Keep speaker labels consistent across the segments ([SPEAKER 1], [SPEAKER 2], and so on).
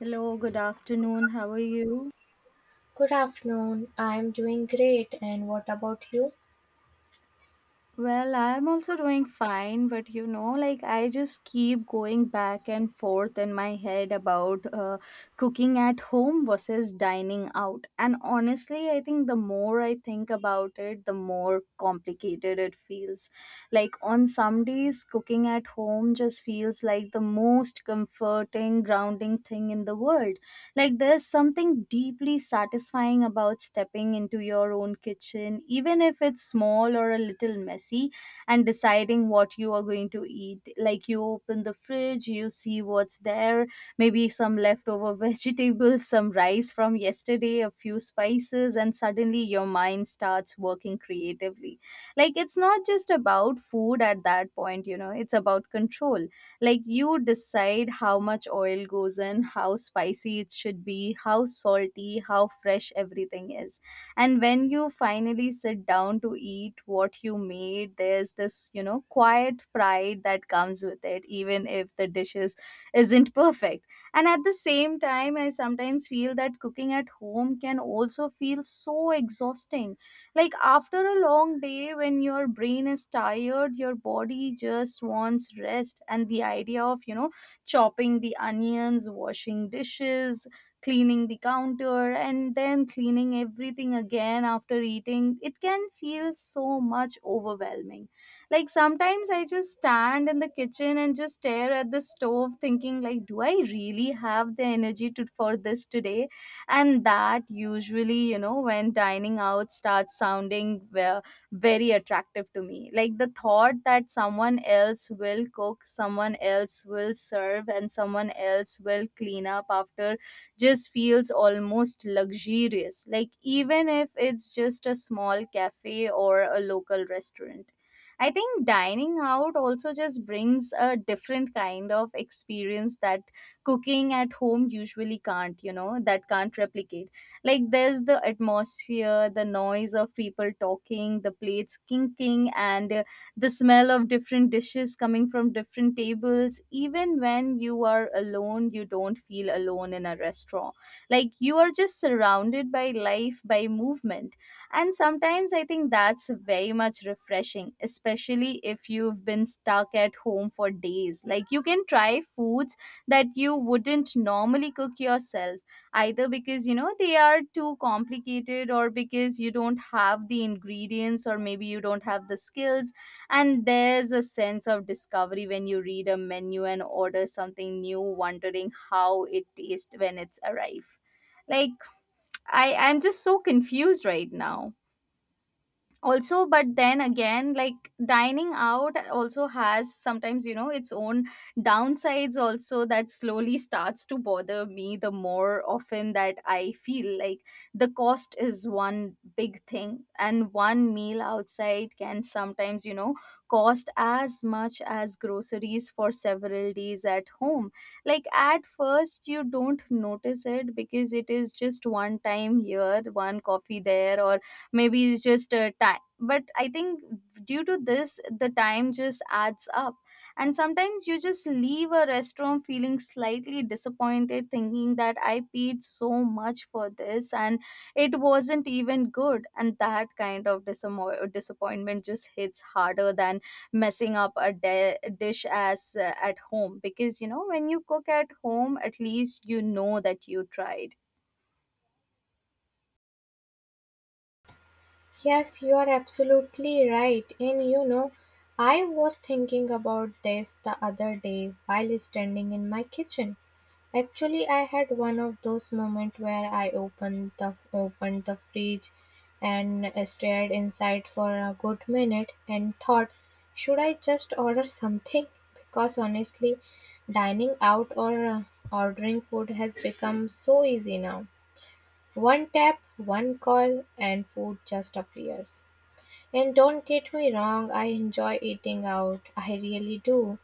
[SPEAKER 1] Hello, good afternoon. How are you?
[SPEAKER 2] Good afternoon. I'm doing great. And what about you?
[SPEAKER 1] Well, I'm also doing fine, but you know, like I just keep going back and forth in my head about cooking at home versus dining out. And honestly, I think the more I think about it, the more complicated it feels. Like on some days, cooking at home just feels like the most comforting, grounding thing in the world. Like there's something deeply satisfying about stepping into your own kitchen, even if it's small or a little messy, and deciding what you are going to eat. Like you open the fridge, you see what's there, maybe some leftover vegetables, some rice from yesterday, a few spices, and suddenly your mind starts working creatively. Like it's not just about food at that point, it's about control. Like you decide how much oil goes in, how spicy it should be, how salty, how fresh everything is. And when you finally sit down to eat what you made, there's this quiet pride that comes with it, even if the dishes isn't perfect. And at the same time, I sometimes feel that cooking at home can also feel so exhausting. Like after a long day, when your brain is tired, your body just wants rest. And the idea of, chopping the onions, washing dishes, cleaning the counter, and then cleaning everything again after eating, it can feel so much overwhelming. Like sometimes I just stand in the kitchen and just stare at the stove thinking, like, do I really have the energy to for this today? And that usually, when dining out starts sounding very attractive to me, like the thought that someone else will cook, someone else will serve, and someone else will clean up after just feels almost luxurious, like even if it's just a small cafe or a local restaurant. I think dining out also just brings a different kind of experience that cooking at home usually can't, that can't replicate. Like there's the atmosphere, the noise of people talking, the plates kinking, and the smell of different dishes coming from different tables. Even when you are alone, you don't feel alone in a restaurant, like you are just surrounded by life, by movement. And sometimes I think that's very much refreshing, especially if you've been stuck at home for days. Like you can try foods that you wouldn't normally cook yourself, either because, they are too complicated, or because you don't have the ingredients, or maybe you don't have the skills. And there's a sense of discovery when you read a menu and order something new, wondering how it tastes when it's arrived. Like, I'm just so confused right now also. But then again, like dining out also has sometimes, its own downsides also, that slowly starts to bother me the more often that I feel like the cost is one big thing. And one meal outside can sometimes, cost as much as groceries for several days at home. Like at first you don't notice it, because it is just one time here, one coffee there, or maybe it's just time, but I think due to this the time just adds up. And sometimes you just leave a restaurant feeling slightly disappointed, thinking that I paid so much for this and it wasn't even good. And that kind of disappointment just hits harder than messing up a dish as at home, because, when you cook at home, at least you know that you tried.
[SPEAKER 2] Yes, you are absolutely right. And you know, I was thinking about this the other day while standing in my kitchen. Actually, I had one of those moments where I opened the fridge and stared inside for a good minute and thought, should I just order something? Because honestly, dining out or ordering food has become so easy now. One tap, one call, and food just appears. And don't get me wrong, I enjoy eating out. I really do.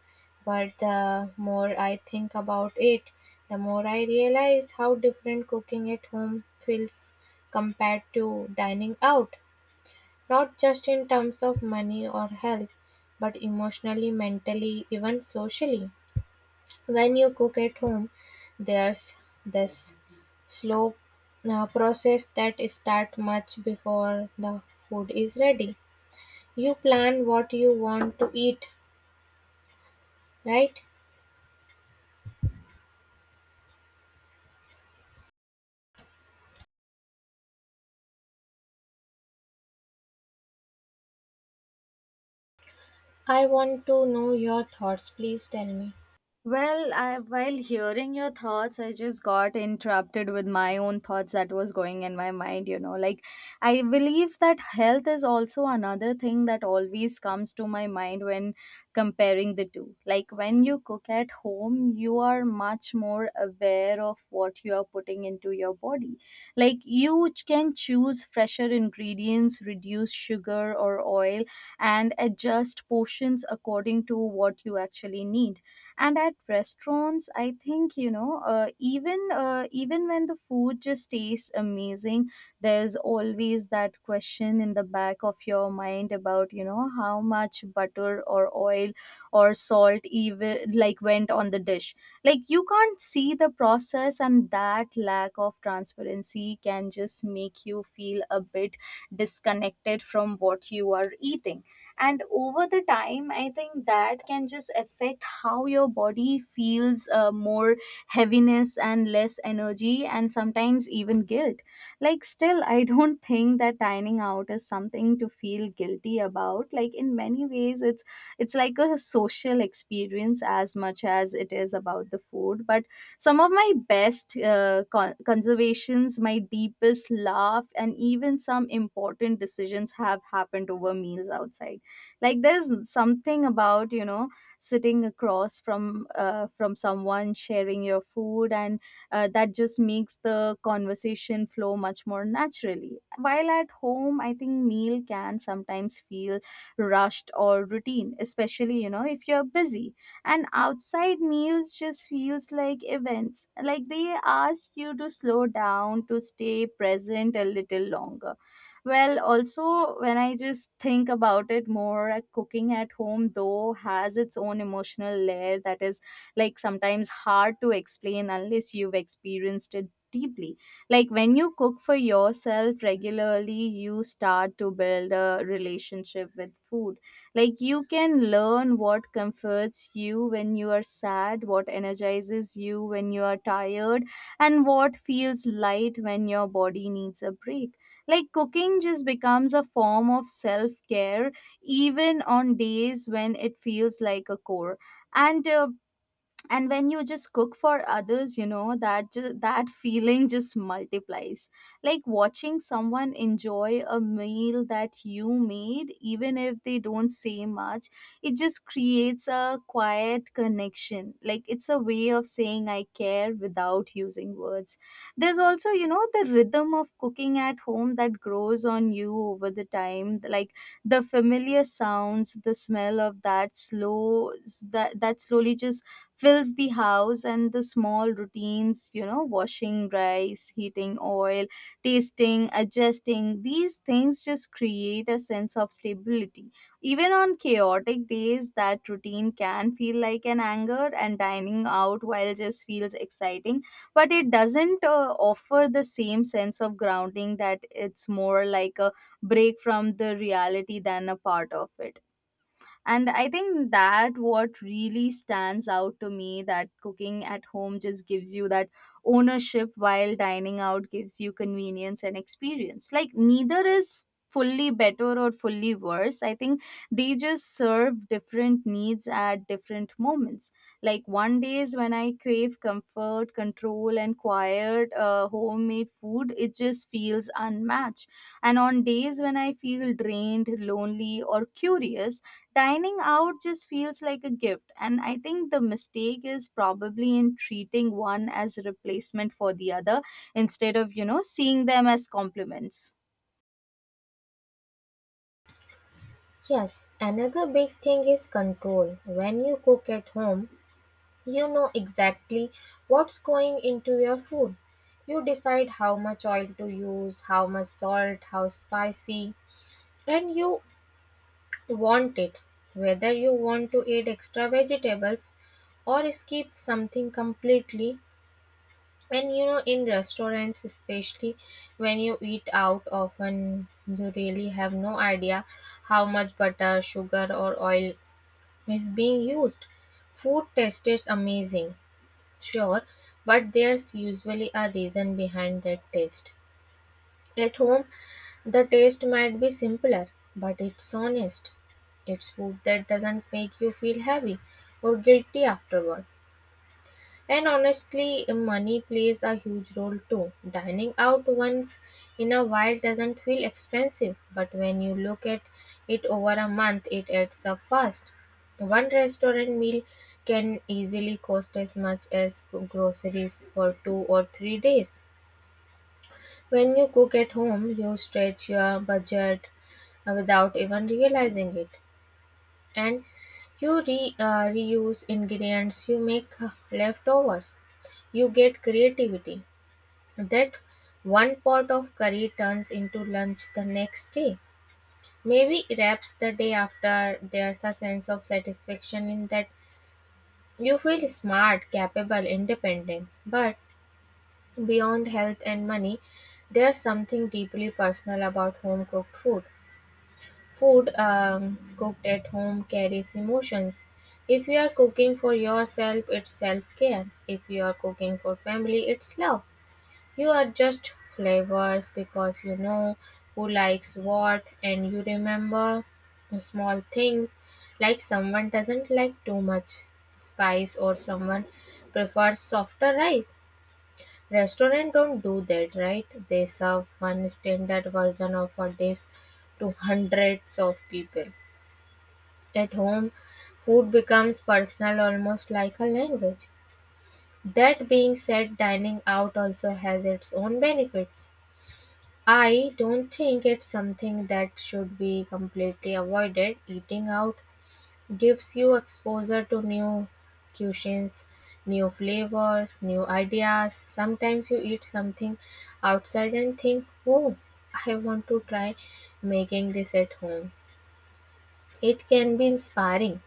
[SPEAKER 2] But the more I think about it, the more I realize how different cooking at home feels compared to dining out. Not just in terms of money or health, but emotionally, mentally, even socially. When you cook at home, there's this slow process that starts much before the food is ready. You plan what you want to eat, right? I want to know your thoughts. Please tell me.
[SPEAKER 1] Well, while hearing your thoughts, I just got interrupted with my own thoughts that was going in my mind. Like, I believe that health is also another thing that always comes to my mind when comparing the two. Like, when you cook at home, you are much more aware of what you are putting into your body. Like, you can choose fresher ingredients, reduce sugar or oil, and adjust portions according to what you actually need. And at restaurants, I think, even when the food just tastes amazing, there's always that question in the back of your mind about, how much butter or oil or salt even, like, went on the dish. Like you can't see the process, and that lack of transparency can just make you feel a bit disconnected from what you are eating. And over the time, I think that can just affect how your body feels, more heaviness and less energy and sometimes even guilt. Like, still, I don't think that dining out is something to feel guilty about. Like, in many ways, it's like a social experience as much as it is about the food, but some of my best conservations, my deepest laugh, and even some important decisions have happened over meals outside. Like there's something about, sitting across from someone, sharing your food, and that just makes the conversation flow much more naturally. While at home, I think meal can sometimes feel rushed or routine, especially, if you're busy. And outside meals just feels like events, like they ask you to slow down, to stay present a little longer. Well, also, when I just think about it more, cooking at home, though, has its own emotional layer that is like sometimes hard to explain unless you've experienced it deeply. Like when you cook for yourself regularly, you start to build a relationship with food. Like you can learn what comforts you when you are sad, what energizes you when you are tired, and what feels light when your body needs a break. Like cooking just becomes a form of self care, even on days when it feels like a chore. And uh, and when you just cook for others, that feeling just multiplies. Like watching someone enjoy a meal that you made, even if they don't say much, it just creates a quiet connection, like it's a way of saying I care without using words. There's also, the rhythm of cooking at home that grows on you over the time, like the familiar sounds, the smell of that slow, that slowly just fills the house, and the small routines, washing rice, heating oil, tasting, adjusting, these things just create a sense of stability. Even on chaotic days, that routine can feel like an anchor. And dining out, while just feels exciting, but it doesn't offer the same sense of grounding, that it's more like a break from the reality than a part of it. And I think that what really stands out to me, that cooking at home just gives you that ownership, while dining out gives you convenience and experience. Like, neither is fully better or fully worse, I think they just serve different needs at different moments. Like one day is when I crave comfort, control, and quiet, homemade food it just feels unmatched. And on days when I feel drained, lonely, or curious, dining out just feels like a gift. And I think the mistake is probably in treating one as a replacement for the other instead of, seeing them as complements.
[SPEAKER 2] Yes, another big thing is control. When you cook at home, you know exactly what's going into your food. You decide how much oil to use, how much salt, how spicy, and you want it, whether you want to add extra vegetables or skip something completely. And you know, in restaurants, especially when you eat out, often you really have no idea how much butter, sugar, or oil is being used. Food tastes amazing, sure, but there's usually a reason behind that taste. At home, the taste might be simpler, but it's honest. It's food that doesn't make you feel heavy or guilty afterward. And honestly, money plays a huge role too. Dining out once in a while doesn't feel expensive, but when you look at it over a month, it adds up fast. One restaurant meal can easily cost as much as groceries for 2 or 3 days. When you cook at home, you stretch your budget without even realizing it, and you reuse ingredients, you make leftovers, you get creativity. That one pot of curry turns into lunch the next day. Maybe wraps the day after. There's a sense of satisfaction in that you feel smart, capable, independence. But beyond health and money, there's something deeply personal about home cooked food. Food cooked at home carries emotions. If you are cooking for yourself, it's self care. If you are cooking for family, it's love. You adjust flavors because you know who likes what and you remember small things like someone doesn't like too much spice or someone prefers softer rice. Restaurants don't do that, right? They serve one standard version of a dish to hundreds of people. At home, food becomes personal, almost like a language. That being said, dining out also has its own benefits. I don't think it's something that should be completely avoided. Eating out gives you exposure to new cuisines, new flavors, new ideas. Sometimes you eat something outside and think, oh, I want to try making this at home. It can be inspiring.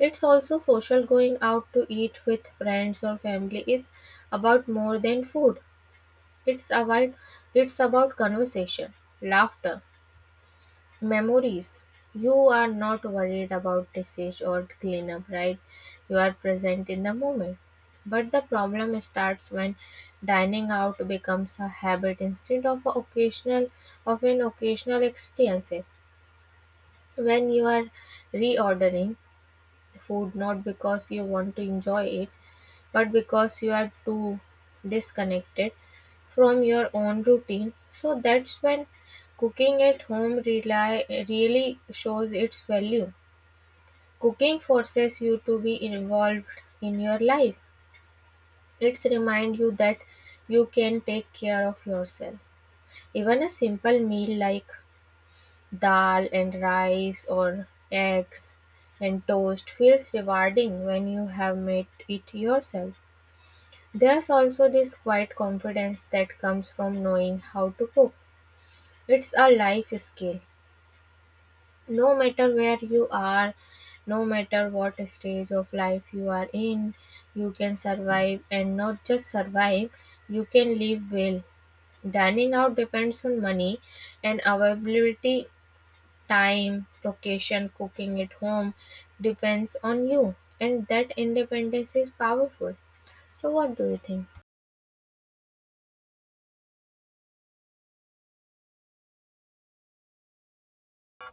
[SPEAKER 2] It's also social. Going out to eat with friends or family is about more than food. It's about conversation, laughter, memories. You are not worried about disease or cleanup, right? You are present in the moment. But the problem starts when dining out becomes a habit instead of a occasional of an occasional experience. When you are reordering food not because you want to enjoy it, but because you are too disconnected from your own routine. So that's when cooking at home really shows its value. Cooking forces you to be involved in your life. It's remind you that you can take care of yourself. Even a simple meal like dal and rice or eggs and toast feels rewarding when you have made it yourself. There's also this quiet confidence that comes from knowing how to cook. It's a life skill. No matter where you are, no matter what stage of life you are in, you can survive, and not just survive, you can live well. Dining out depends on money and availability, time, location. Cooking at home depends on you. And that independence is powerful. So, what do you think?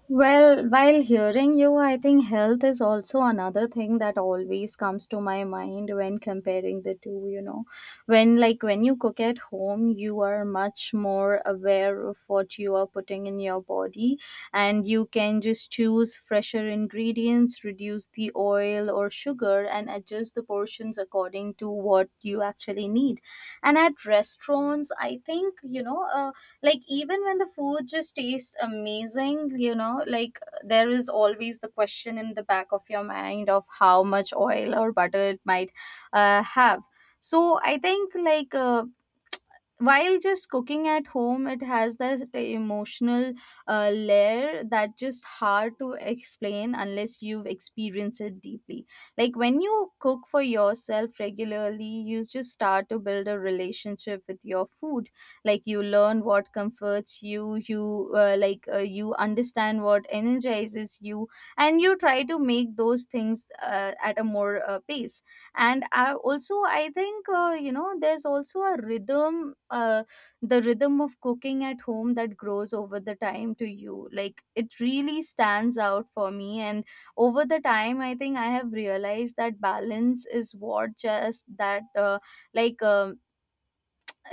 [SPEAKER 1] Well, while hearing you, I think health is also another thing that always comes to my mind when comparing the two. When you cook at home, you are much more aware of what you are putting in your body. And you can just choose fresher ingredients, reduce the oil or sugar and adjust the portions according to what you actually need. And at restaurants, I think, like even when the food just tastes amazing, there is always the question in the back of your mind of how much oil or butter it might have. So I think while just cooking at home, it has that emotional layer that just hard to explain unless you've experienced it deeply. Like when you cook for yourself regularly, you just start to build a relationship with your food. Like you learn what comforts you, you understand what energizes you, and you try to make those things at a more pace. And I also I think there's also a rhythm, the rhythm of cooking at home that grows over the time to you. Like it really stands out for me. And over the time, I think I have realized that balance is what just that like um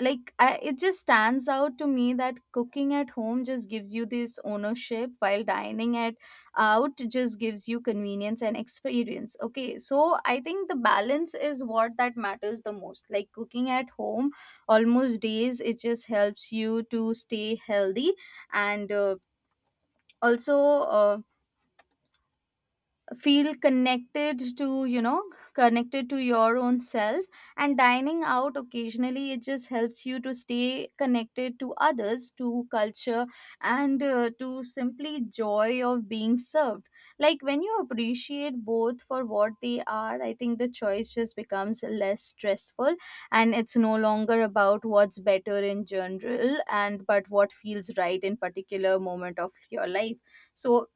[SPEAKER 1] like I, it just stands out to me that cooking at home just gives you this ownership, while dining at out just gives you convenience and experience. Okay, so I think the balance is what that matters the most. Like cooking at home almost days, it just helps you to stay healthy, and also feel connected to, you know, connected to your own self. And dining out occasionally, it just helps you to stay connected to others, to culture, and to simply joy of being served. Like when you appreciate both for what they are, I think the choice just becomes less stressful, and it's no longer about what's better in general and but what feels right in particular moment of your life. So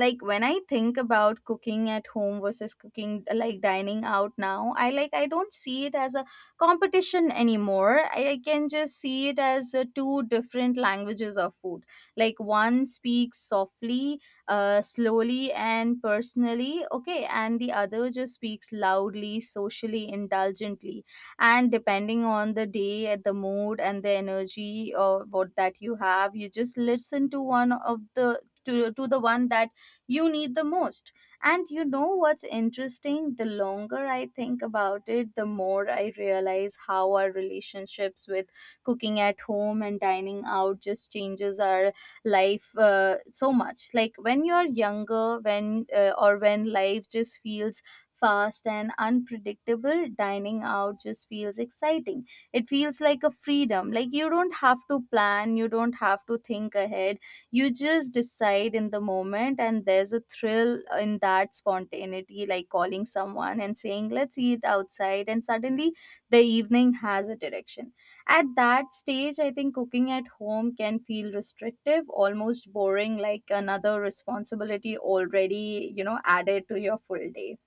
[SPEAKER 1] like when I think about cooking at home versus cooking like dining out now, I don't see it as a competition anymore. I can just see it as two different languages of food. Like one speaks softly, slowly, and personally. Okay, and the other just speaks loudly, socially, indulgently. And depending on the day at the mood and the energy or what that you have, you just listen to one of the to the one that you need the most. And you know what's interesting? The longer I think about it, the more I realize how our relationships with cooking at home and dining out just changes our life so much. Like when you're younger, when or when life just feels fast and unpredictable, dining out just feels exciting. It feels like a freedom. Like you don't have to plan, you don't have to think ahead, you just decide in the moment, and there's a thrill in that spontaneity. Like calling someone and saying, let's eat outside, and suddenly the evening has a direction. At that stage, I think cooking at home can feel restrictive, almost boring, like another responsibility already, you know, added to your full day.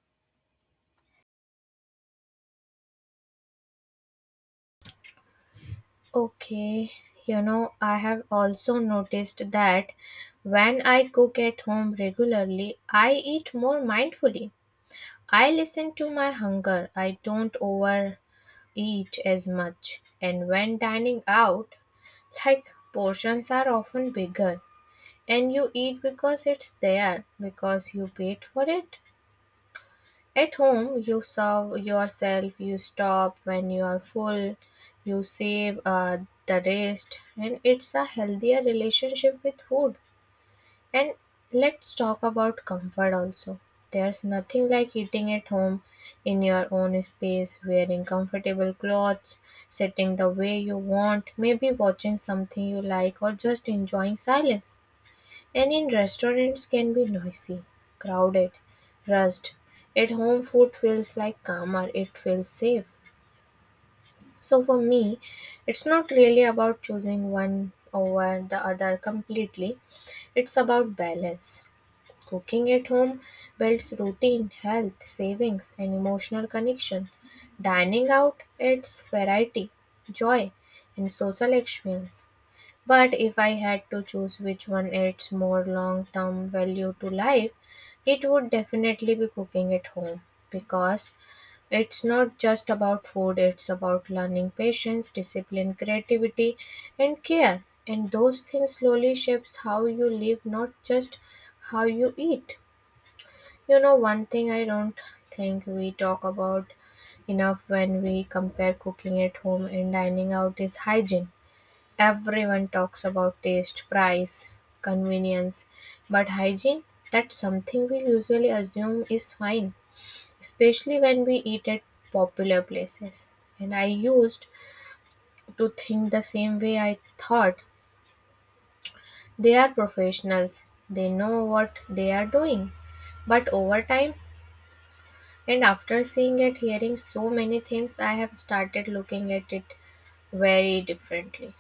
[SPEAKER 2] Okay, you know, I have also noticed that when I cook at home regularly, I eat more mindfully. I listen to my hunger, I don't overeat as much. And when dining out, like portions are often bigger, and you eat because it's there, because you paid for it. At home, you serve yourself, you stop when you are full, you save the rest, and it's a healthier relationship with food. And let's talk about comfort also. There's nothing like eating at home in your own space, wearing comfortable clothes, sitting the way you want, maybe watching something you like, or just enjoying silence. And in restaurants can be noisy, crowded, rushed. At home food feels like calmer, it feels safe. So for me, it's not really about choosing one over the other completely. It's about balance. Cooking at home builds routine, health, savings, and emotional connection. Dining out adds variety, joy, and social experience. But if I had to choose which one adds more long term value to life, it would definitely be cooking at home, because it's not just about food, it's about learning patience, discipline, creativity, and care. And those things slowly shapes how you live, not just how you eat. You know, one thing I don't think we talk about enough when we compare cooking at home and dining out is hygiene. Everyone talks about taste, price, convenience, but hygiene, that's something we usually assume is fine, especially when we eat at popular places. And I used to think the same way. I thought they are professionals, they know what they are doing. But over time, and after seeing and hearing so many things, I have started looking at it very differently.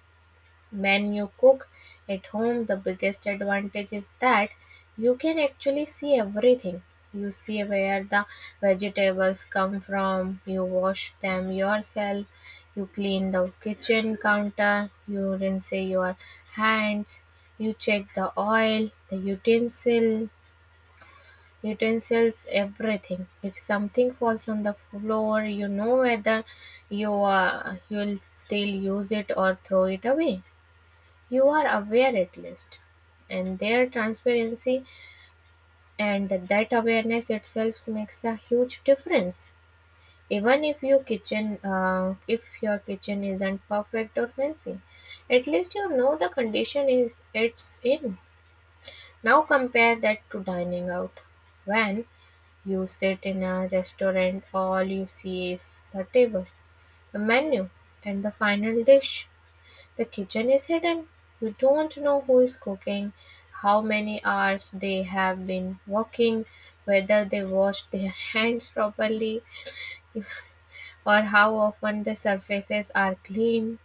[SPEAKER 2] When you cook at home, the biggest advantage is that you can actually see everything. You see where the vegetables come from, you wash them yourself, you clean the kitchen counter, you rinse your hands, you check the oil, utensils, everything. If something falls on the floor, you know whether you'll still use it or throw it away. You are aware at least. And their transparency and that awareness itself makes a huge difference. Even if your kitchen isn't perfect or fancy, at least you know the condition is it's in. Now compare that to dining out. When you sit in a restaurant, all you see is the table, the menu, and the final dish. The kitchen is hidden. You don't know who is cooking, how many hours they have been working, whether they washed their hands properly, if, or how often the surfaces are clean.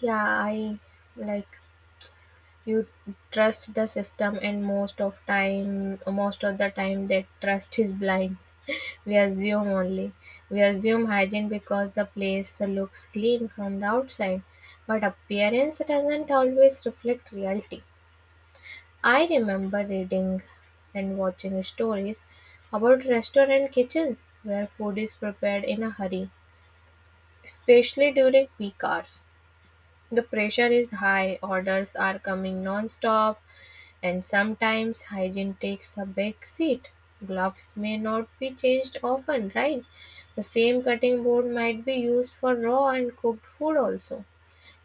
[SPEAKER 2] Yeah, I like you trust the system, and most of the time, that trust is blind. We assume only. We assume hygiene because the place looks clean from the outside, but appearance doesn't always reflect reality. I remember reading and watching stories about restaurant kitchens where food is prepared in a hurry, especially during peak hours. The pressure is high, orders are coming non stop, and sometimes hygiene takes a back seat. Gloves may not be changed often, right? The same cutting board might be used for raw and cooked food also.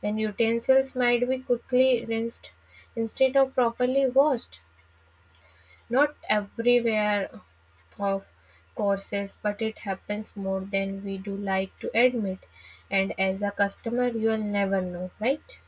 [SPEAKER 2] And utensils might be quickly rinsed instead of properly washed. Not everywhere of courses, but it happens more than we do like to admit. And as a customer, you'll never know, right?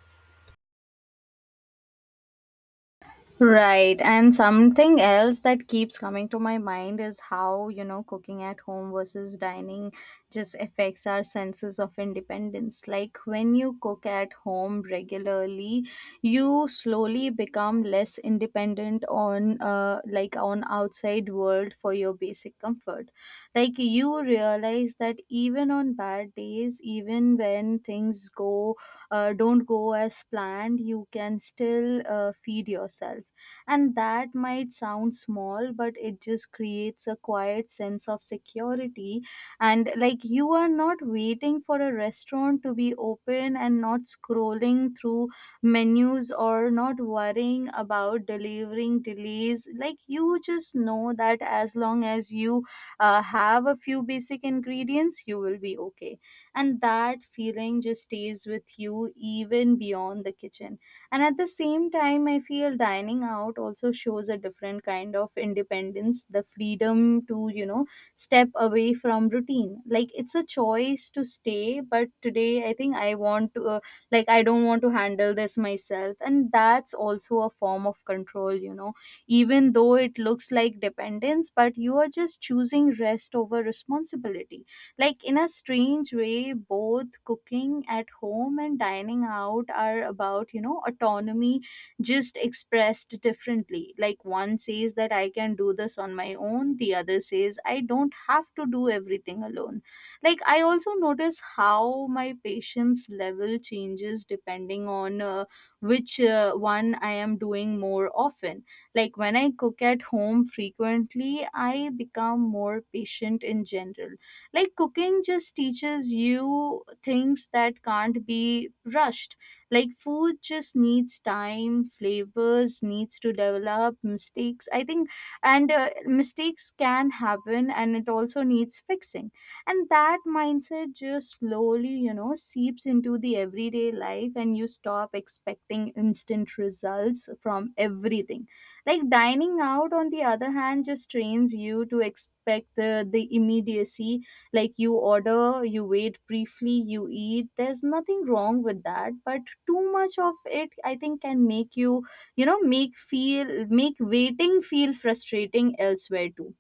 [SPEAKER 1] Right. And something else that keeps coming to my mind is how, you know, cooking at home versus dining just affects our senses of independence. Like when you cook at home regularly, you slowly become less independent on on outside world for your basic comfort. Like you realize that even on bad days, even when things go don't go as planned, you can still feed yourself, and that might sound small, but it just creates a quiet sense of security. And like you are not waiting for a restaurant to be open and not scrolling through menus or not worrying about delivering delays. Like you just know that as long as you have a few basic ingredients, you will be okay. And that feeling just stays with you even beyond the kitchen. And at the same time, I feel dining out also shows a different kind of independence, the freedom to, you know, step away from routine. Like it's a choice to stay, but today I think I want to, I don't want to handle this myself. And that's also a form of control, you know, even though it looks like dependence, but you are just choosing rest over responsibility. Like, in a strange way, both cooking at home and dining out are about, you know, autonomy, just expressed differently. Like, one says that I can do this on my own, the other says I don't have to do everything alone. Like, I also notice how my patience level changes depending on which one I am doing more often. Like when I cook at home frequently, I become more patient in general. Like cooking just teaches you things that can't be rushed. Like food just needs time, flavors needs to develop, mistakes can happen and it also needs fixing. And that mindset just slowly, you know, seeps into the everyday life, and you stop expecting instant results from everything. Like dining out, on the other hand, just trains you to expect the immediacy. Like you order, you wait briefly, you eat. There's nothing wrong with that, but too much of it, I think, can make you you know make feel make waiting feel frustrating elsewhere too.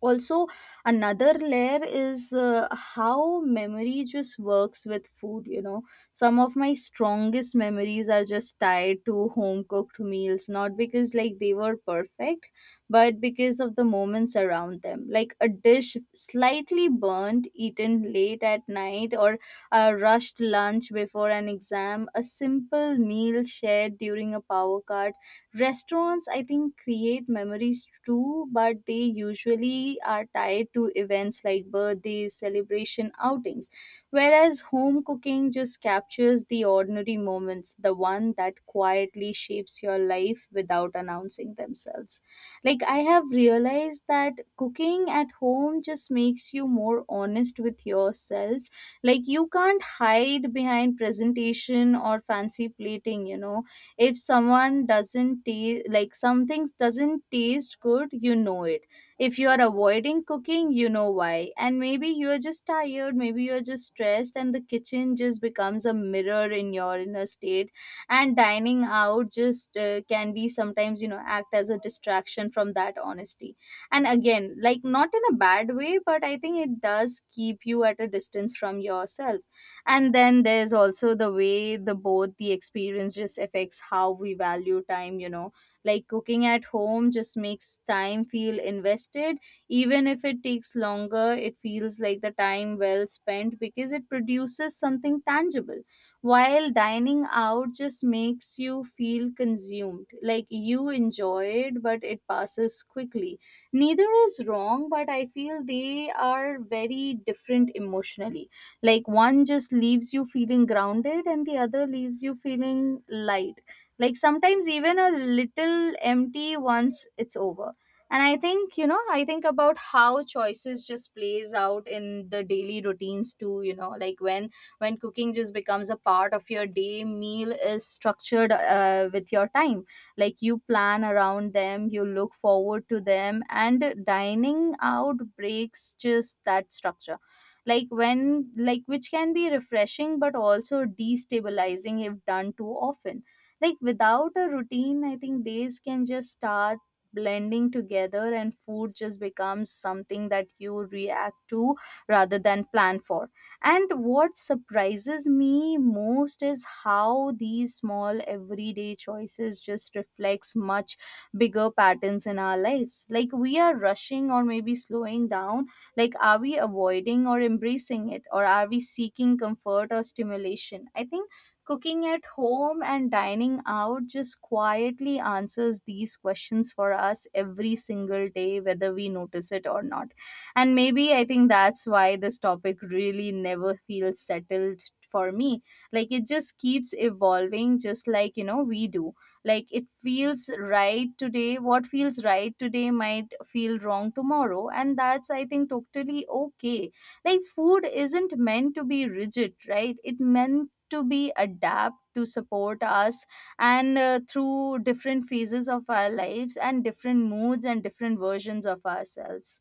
[SPEAKER 1] Also, another layer is how memory just works with food, you know. Some of my strongest memories are just tied to home cooked meals, not because like they were perfect, but because of the moments around them. Like a dish slightly burnt, eaten late at night, or a rushed lunch before an exam, a simple meal shared during a power cut. Restaurants, I think, create memories too, but they usually are tied to events like birthdays, celebration, outings. Whereas home cooking just captures the ordinary moments, the one that quietly shapes your life without announcing themselves. Like, I have realized that cooking at home just makes you more honest with yourself. Like, you can't hide behind presentation or fancy plating, you know. If someone doesn't taste like something doesn't taste good, you know it. If you are avoiding cooking, you know why, and maybe you're just tired, maybe you're just stressed, and the kitchen just becomes a mirror in your inner state. And dining out just can be sometimes, you know, act as a distraction from that honesty. And again, like not in a bad way, but I think it does keep you at a distance from yourself. And then there's also the way the both the experience just affects how we value time, you know. Like cooking at home just makes time feel invested. Even if it takes longer, it feels like the time well spent because it produces something tangible. While dining out just makes you feel consumed, like you enjoy it but it passes quickly. Neither is wrong, but I feel they are very different emotionally. Like one just leaves you feeling grounded, and the other leaves you feeling light, like sometimes even a little empty once it's over. And I think about how choices just plays out in the daily routines too, you know, like when cooking just becomes a part of your day, meal is structured with your time. Like you plan around them, you look forward to them. And dining out breaks just that structure. Like which can be refreshing but also destabilizing if done too often. Like without a routine, I think days can just start blending together, and food just becomes something that you react to rather than plan for. And what surprises me most is how these small everyday choices just reflects much bigger patterns in our lives. Like we are rushing or maybe slowing down, like, are we avoiding or embracing it, or are we seeking comfort or stimulation? I think cooking at home and dining out just quietly answers these questions for us every single day, whether we notice it or not. And maybe I think that's why this topic really never feels settled for me. Like, it just keeps evolving, just like, you know, we do. Like it feels right today what feels right today might feel wrong tomorrow, and that's, I think, totally okay. Like food isn't meant to be rigid, right? It meant to be adapt to support us and through different phases of our lives and different moods and different versions of ourselves.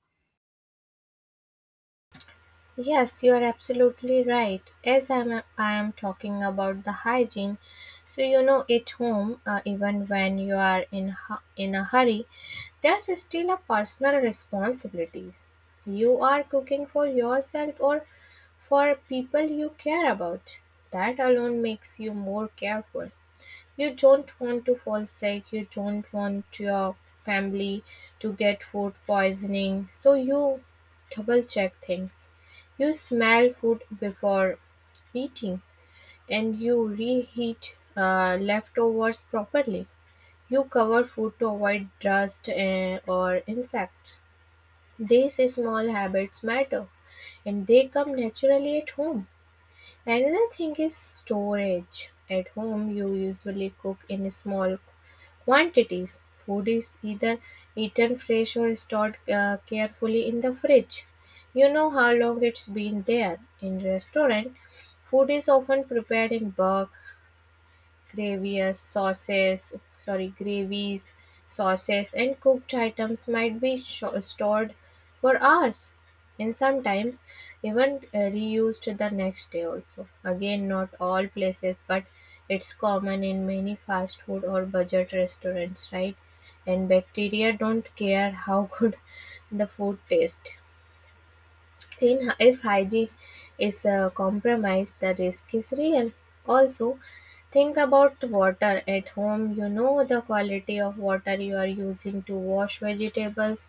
[SPEAKER 2] Yes, you are absolutely right. As I am talking about the hygiene, so you know, at home, even when you are in in a hurry, there's still a personal responsibilities. You are cooking for yourself or for people you care about. That alone makes you more careful. You don't want to fall sick, you don't want your family to get food poisoning, so you double check things. You smell food before eating and you reheat leftovers properly. You cover food to avoid dust eh, or insects. These small habits matter and they come naturally at home. Another thing is storage. At home, you usually cook in small quantities. Food is either eaten fresh or stored carefully in the fridge. You know how long it's been there. In restaurant, food is often prepared in bulk. Sorry, gravies, sauces, and cooked items might be sho stored for hours and sometimes even reused the next day also. Again, not all places, but it's common in many fast food or budget restaurants, right? And bacteria don't care how good the food tastes in, if hygiene is compromised, the risk is real. Also, think about water at home. You know the quality of water you are using to wash vegetables,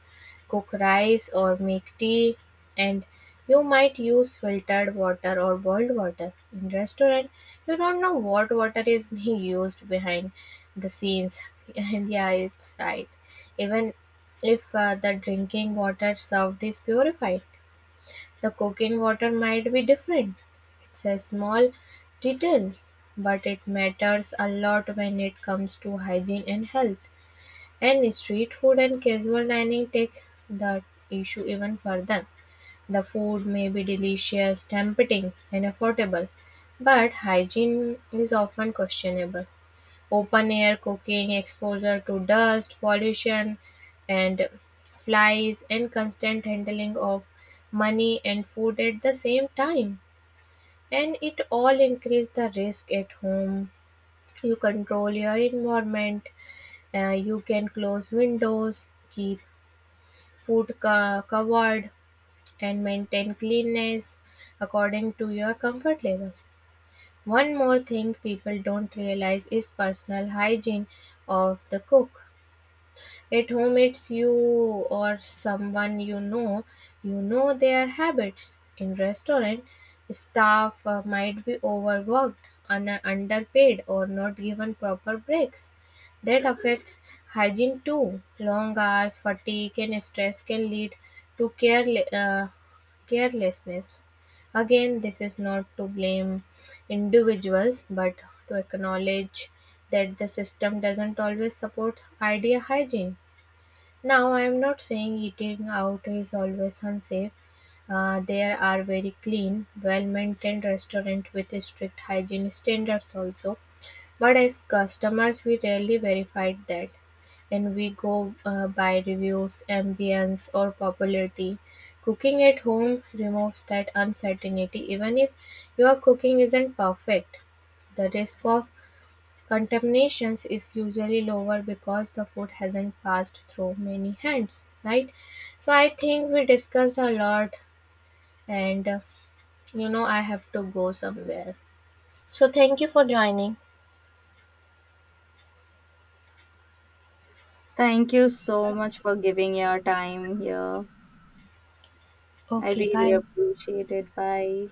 [SPEAKER 2] cook rice, or make tea, and you might use filtered water or boiled water. In restaurant, you don't know what water is being used behind the scenes. And yeah, it's right. Even if the drinking water served is purified, the cocaine water might be different. It's a small detail, but it matters a lot when it comes to hygiene and health. And street food and casual dining take the issue even further. The food may be delicious, tempting, and affordable, but hygiene is often questionable. Open air cooking, exposure to dust, pollution, and flies, and constant handling of money and food at the same time. And it all increase the risk. At home, you control your environment. You can close windows, keep covered, and maintain cleanness according to your comfort level. One more thing people don't realize is personal hygiene of the cook. At home, it's you or someone you know. You know their habits. In restaurant, staff might be overworked, underpaid, or not given proper breaks. That affects hygiene too. Long hours, fatigue, and stress can lead to carelessness. Again, this is not to blame individuals, but to acknowledge that the system doesn't always support idea hygiene. Now, I'm not saying eating out is always unsafe. There are very clean, well maintained restaurants with strict hygiene standards also. But as customers, we rarely verified that. And we go by reviews, ambience, or popularity. Cooking at home removes that uncertainty, even if your cooking isn't perfect. The risk of contaminations is usually lower because the food hasn't passed through many hands, right? So I think we discussed a lot, and you know, I have to go somewhere. So thank you for joining.
[SPEAKER 1] Thank you so much for giving your time here. I
[SPEAKER 2] Okay,
[SPEAKER 1] really
[SPEAKER 2] bye.
[SPEAKER 1] appreciate it. Bye.